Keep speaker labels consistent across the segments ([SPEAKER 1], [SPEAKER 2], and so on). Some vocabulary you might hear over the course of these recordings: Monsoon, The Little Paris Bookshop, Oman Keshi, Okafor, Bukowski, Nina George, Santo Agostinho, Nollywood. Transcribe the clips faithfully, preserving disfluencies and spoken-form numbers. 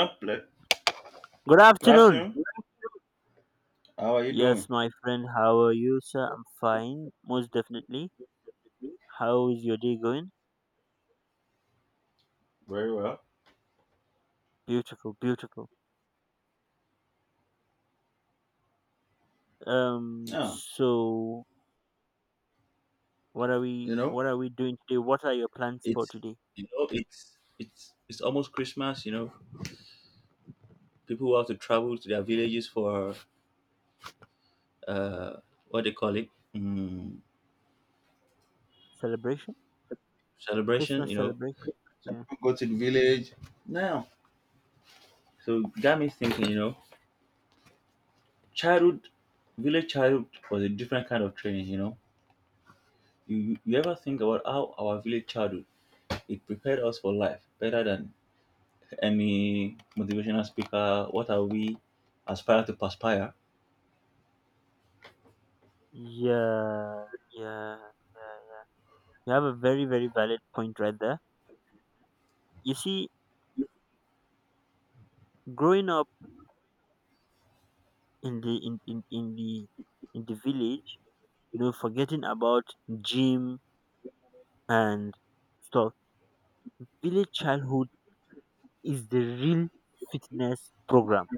[SPEAKER 1] Hello.
[SPEAKER 2] Good
[SPEAKER 1] Good
[SPEAKER 2] afternoon.
[SPEAKER 1] afternoon. How are you doing?
[SPEAKER 2] Yes, my friend, how are you, sir? I'm fine, most definitely. How is your day going?
[SPEAKER 1] Very well.
[SPEAKER 2] Beautiful, beautiful. Um,
[SPEAKER 1] Yeah.
[SPEAKER 2] so what are we
[SPEAKER 1] You know,
[SPEAKER 2] what are we doing today? What are your plans for
[SPEAKER 1] it's
[SPEAKER 2] today?
[SPEAKER 1] you know it's it's it's almost Christmas, you know, people who have to travel to their villages for uh what they call it, mm,
[SPEAKER 2] Celebration?
[SPEAKER 1] celebration,
[SPEAKER 2] Christmas
[SPEAKER 1] you know,
[SPEAKER 2] celebration?
[SPEAKER 1] some
[SPEAKER 2] Yeah.
[SPEAKER 1] people go to the village. Now, so it got me thinking, you know, childhood, village childhood was a different kind of training, you know, you you ever think about how our village childhood, it prepared us for life better than any motivational speaker. What are we aspire to perspire?
[SPEAKER 2] Yeah, yeah, yeah. You have a very, very valid point right there. You see, growing up in the in, in, in the in the village, you know, forgetting about gym and stuff, village childhood is the real fitness program.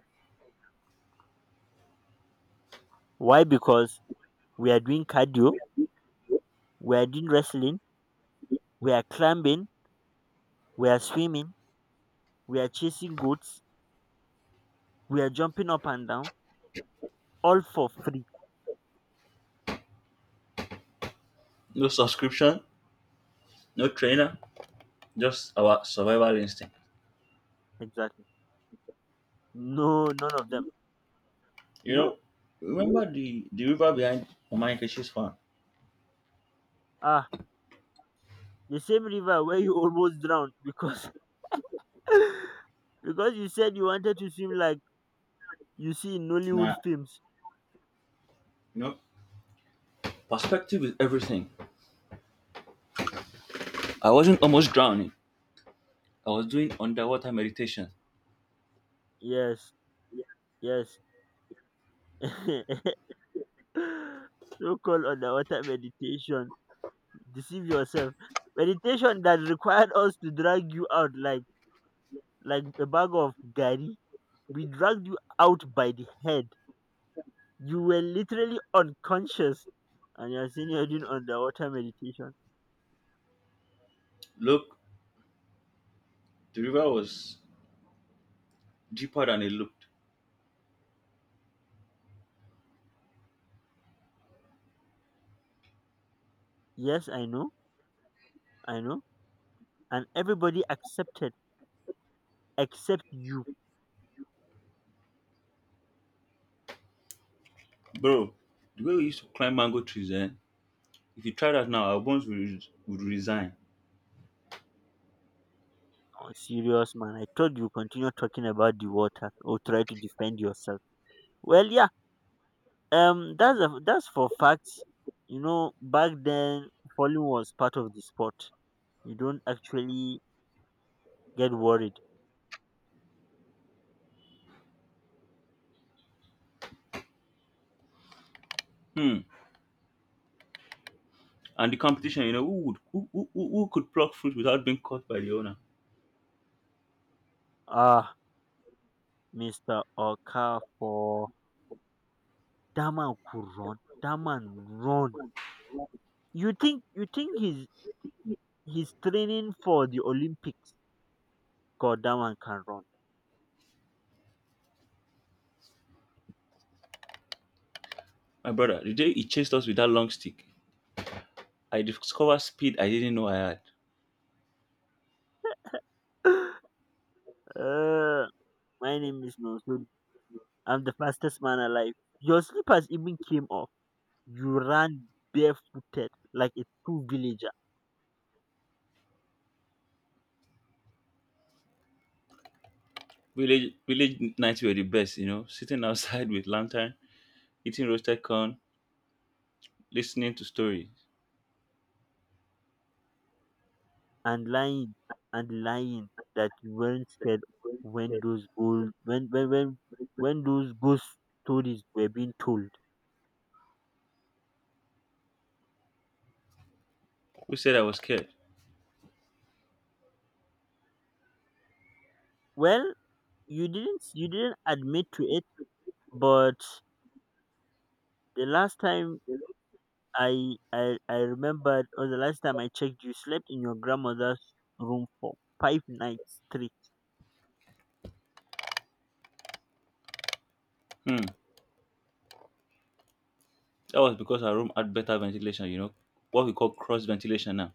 [SPEAKER 2] Why? Because we are doing cardio, we are doing wrestling, we are climbing, we are swimming, we are chasing goats, we are jumping up and down, all for free.
[SPEAKER 1] No subscription, no trainer, just our survival instinct.
[SPEAKER 2] Exactly. No, none of them. You
[SPEAKER 1] You
[SPEAKER 2] know,
[SPEAKER 1] know, remember the, the river behind Oman Keshi's farm?
[SPEAKER 2] ah, the same river where you almost drowned because because you said you wanted to swim like you see in Nollywood
[SPEAKER 1] Nah,
[SPEAKER 2] films.
[SPEAKER 1] you know, perspective is everything. I wasn't almost drowning. I was doing underwater meditation.
[SPEAKER 2] Yes, yes. so called underwater meditation, deceive yourself. Meditation that required us to drag you out like like a bag of gari. We dragged you out by the head. You were literally unconscious, and you're saying you're doing underwater meditation.
[SPEAKER 1] Look, the river was deeper than it looked.
[SPEAKER 2] Yes, I know, I know, and everybody accepted except you.
[SPEAKER 1] Bro, the way we used to climb mango trees, then if you try that now, our bones would, would resign.
[SPEAKER 2] Oh, serious man, I told you continue talking about the water or try to defend yourself. Well, yeah, um, that's a, that's for facts. You know, back then falling was part of the sport. You don't actually get worried.
[SPEAKER 1] Hmm. And the competition, you know, who would who, who, who who could pluck fruit without being caught by the owner?
[SPEAKER 2] Ah, mister Okafor, that man could run. That man run. You think you think he's he's training for the Olympics? God, that man can run.
[SPEAKER 1] My brother, the day he chased us with that long stick, I discovered speed I didn't know I had.
[SPEAKER 2] uh, my name is Monsoon. I'm the fastest man alive. Your slippers even came off. You ran barefooted like a true villager.
[SPEAKER 1] Village village nights were the best, you know, sitting outside with lantern, eating roasted corn, listening to stories.
[SPEAKER 2] and lying and lying that you weren't scared when those bold when when when, when those ghost stories were being told.
[SPEAKER 1] Who said I was scared?
[SPEAKER 2] Well, you didn't you didn't admit to it, but the last time I I, I remembered, or the last time I checked, you slept in your grandmother's room for five nights straight.
[SPEAKER 1] Hmm. That was because our room had better ventilation, you know, what we call cross ventilation now.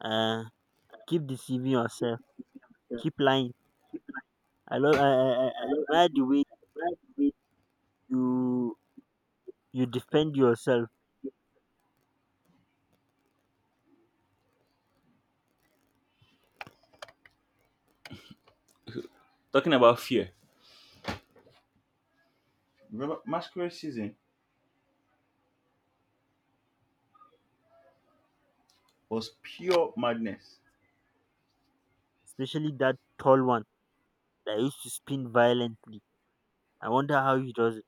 [SPEAKER 2] Uh keep deceiving yourself. Keep lying. I love I, I, I I admire the way you you defend yourself,
[SPEAKER 1] Talking about fear. Remember, masquerade season was pure madness.
[SPEAKER 2] especially that tall one that used to spin violently. I wonder how he does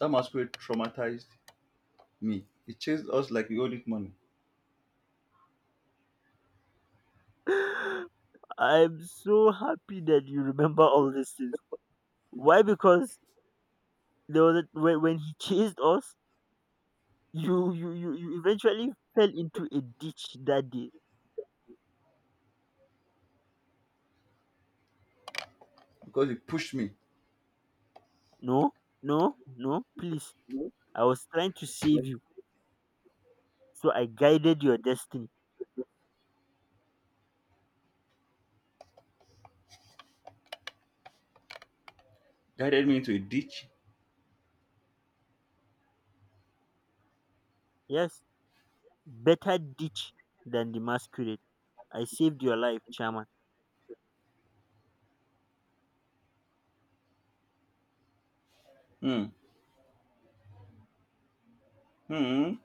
[SPEAKER 1] That masquerade traumatized me. It chased us like we owed it money.
[SPEAKER 2] it. I'm so happy that you remember all these things. Why? Because there was a, when, when he chased us, you, you you you eventually fell into a ditch that day.
[SPEAKER 1] Because he pushed me,
[SPEAKER 2] No, no, no, please. I was trying to save you, so I guided your destiny.
[SPEAKER 1] guided me into a ditch.
[SPEAKER 2] Yes, better ditch than the masquerade. I saved your life, Chairman.
[SPEAKER 1] Hmm. Hmm.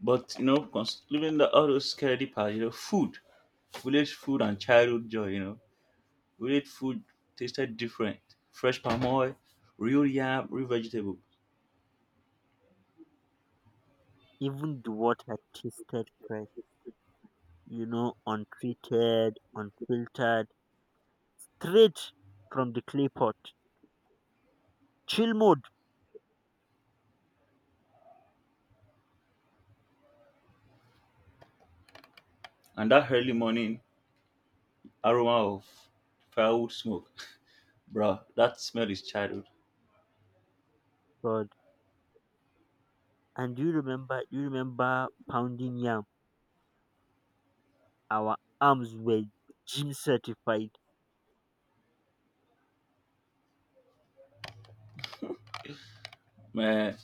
[SPEAKER 1] But you know, cons- leaving the all those security parts, you know, food, village food and childhood joy, you know. Village food tasted different. Fresh palm oil, real yam, real vegetable.
[SPEAKER 2] Even the water tasted fresh, you know, untreated, unfiltered, straight from the clay pot. Chill mode.
[SPEAKER 1] And that early morning aroma of firewood smoke. Bro, that smell is childhood.
[SPEAKER 2] But and do you remember do you remember pounding yam? Our arms were gym certified.
[SPEAKER 1] Man,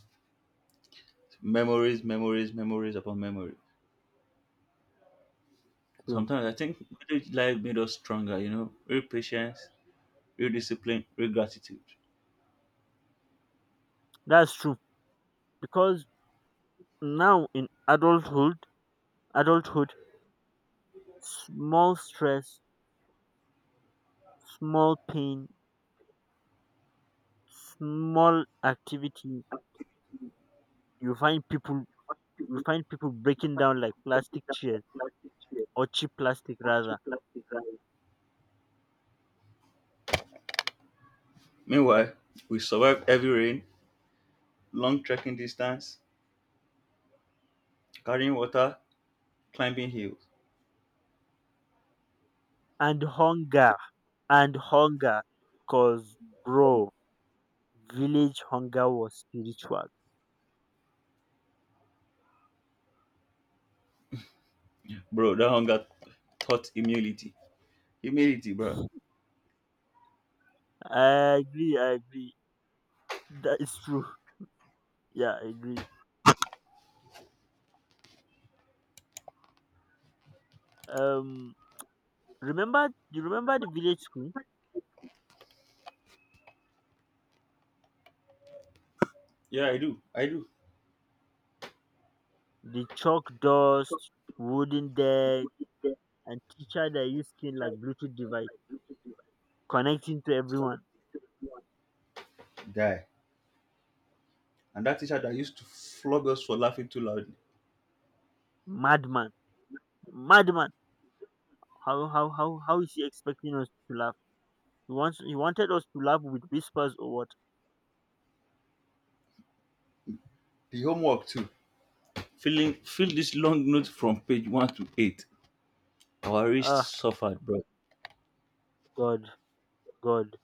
[SPEAKER 1] memories, memories, memories upon memory.
[SPEAKER 2] So
[SPEAKER 1] Sometimes I think village life made us stronger, you know, real patience, real discipline, real gratitude.
[SPEAKER 2] that's true. Because now in adulthood adulthood, small stress, small pain, small activity, you find people you find people breaking down like plastic chairs, or cheap plastic rather.
[SPEAKER 1] Meanwhile, we survived heavy rain, long trekking distance, carrying water, climbing hills.
[SPEAKER 2] And hunger and hunger. Cause bro, village hunger was spiritual.
[SPEAKER 1] Bro, that hunger taught humility. Humility, bro.
[SPEAKER 2] I agree, I agree. That is true. Yeah, I agree. Um remember, you remember the village school?
[SPEAKER 1] Yeah, I do. I do.
[SPEAKER 2] The chalk dust, wooden deck, and teacher that used skin like Bluetooth device connecting to everyone.
[SPEAKER 1] Guy. And that teacher that used to flog us for laughing too loudly.
[SPEAKER 2] Madman. Madman. How how how how is he expecting us to laugh? He wants he wanted us to laugh with whispers or what?
[SPEAKER 1] The homework too. Filling fill this long note from page one to eight. Our wrist
[SPEAKER 2] Ah
[SPEAKER 1] suffered, bro.
[SPEAKER 2] God, God.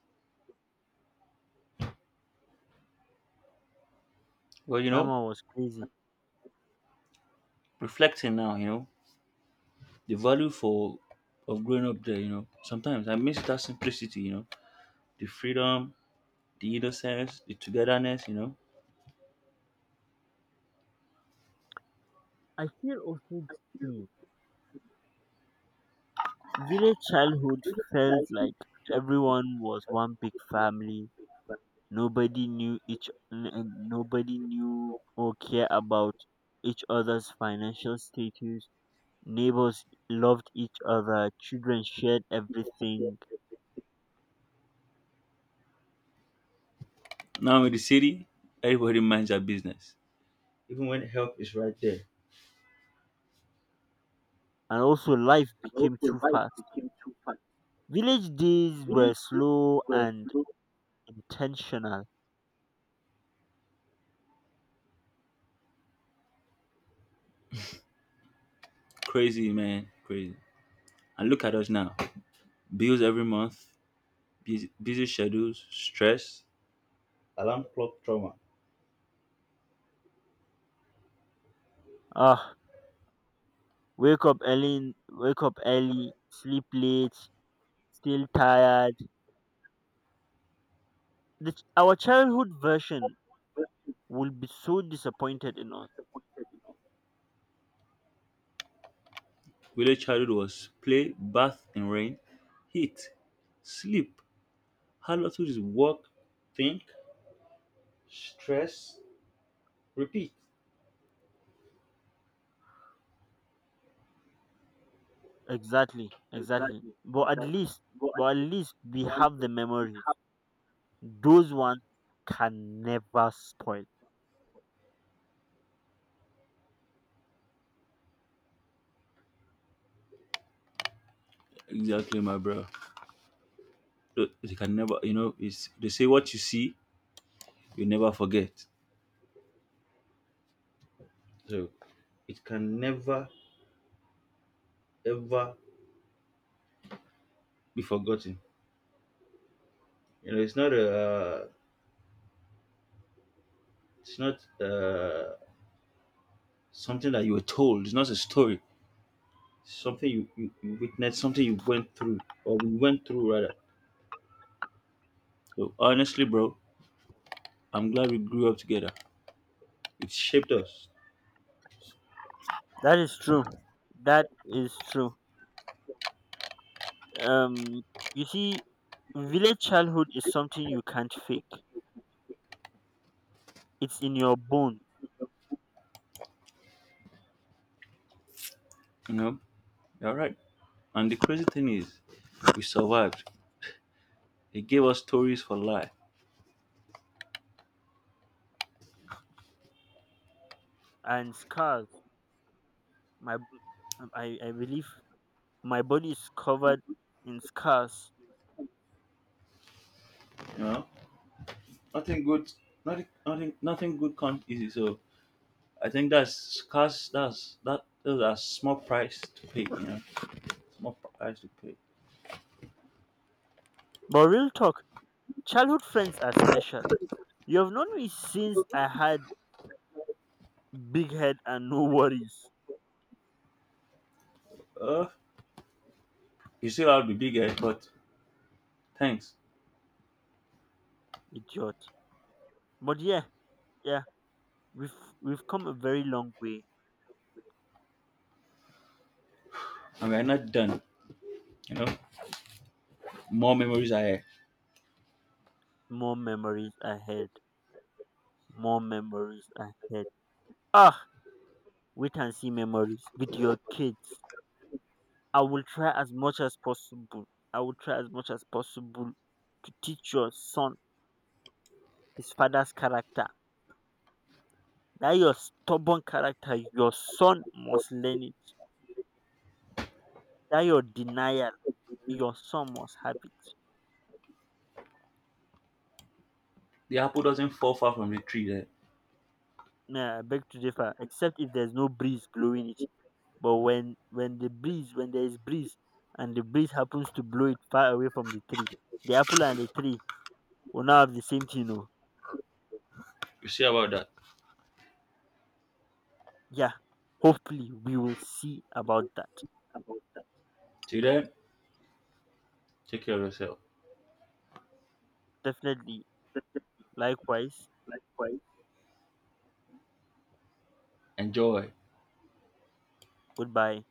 [SPEAKER 1] Well, you know,
[SPEAKER 2] Mama was crazy.
[SPEAKER 1] reflecting now, you know, the value for of growing up there, you know. Sometimes I miss that simplicity, you know. The freedom, the innocence, the togetherness, you know.
[SPEAKER 2] I feel also guilty. Village childhood felt like everyone was one big family. Nobody knew each n- n- nobody knew or care about each other's financial status. Neighbors loved each other, children shared everything,
[SPEAKER 1] Now in the city, everybody minds their business. Even when help is right there.
[SPEAKER 2] and also life became too fast. Village days were slow and intentional.
[SPEAKER 1] Crazy, man. Crazy. And look at us now. Bills every month, busy, busy schedules, stress, alarm clock trauma.
[SPEAKER 2] Ah, wake up early, in- wake up early, sleep late, still tired. The, ch- our childhood version will be so disappointed in us.
[SPEAKER 1] Village childhood was play, bath in rain, heat, sleep. How hard to just work, think, stress, repeat.
[SPEAKER 2] Exactly, exactly. But at least, but at least we have the memories. Those ones can never spoil.
[SPEAKER 1] Exactly, my bro. They can never, you know, it's, they say what you see, you never forget. So it can never ever be forgotten. You know, it's not a, uh, it's not uh, something that you were told. It's not a story. It's something you, you, you witnessed, something you went through, or we went through rather. So honestly, bro, I'm glad we grew up together. It shaped us.
[SPEAKER 2] That is true. That is true. Um, you see, village childhood is something you can't fake. It's in your bone
[SPEAKER 1] You know, you're right. And the crazy thing is, we survived. It gave us stories for life.
[SPEAKER 2] and scars. My, b- um, I, I believe my body is covered in scars.
[SPEAKER 1] You know, nothing good, nothing, nothing, nothing good comes easy. So I think that's cost. That's that is a small price to pay, you know. Small price to pay.
[SPEAKER 2] But real talk, childhood friends are special. You have known me since I had big head and no worries,
[SPEAKER 1] Uh you still have the big head, but thanks.
[SPEAKER 2] idiot. But yeah, yeah, we've we've come a very long way.
[SPEAKER 1] And we're not done. You know, more memories are here.
[SPEAKER 2] More memories ahead. More memories ahead. Ah, wait and see memories with your kids. I will try as much as possible. I will try as much as possible to teach your son his father's character. That your stubborn character, your son must learn it. That your denial, your son must have it.
[SPEAKER 1] The apple doesn't fall far from the tree there.
[SPEAKER 2] Nah, I beg to differ, except if there's no breeze blowing it. But when when the breeze when there is breeze and the breeze happens to blow it far away from the tree, the apple and the tree will now have the same thing. Oh.
[SPEAKER 1] You see about that.
[SPEAKER 2] Yeah. Hopefully we will see about that.
[SPEAKER 1] Till then, take care of yourself.
[SPEAKER 2] Definitely. Likewise.
[SPEAKER 1] Enjoy.
[SPEAKER 2] Goodbye.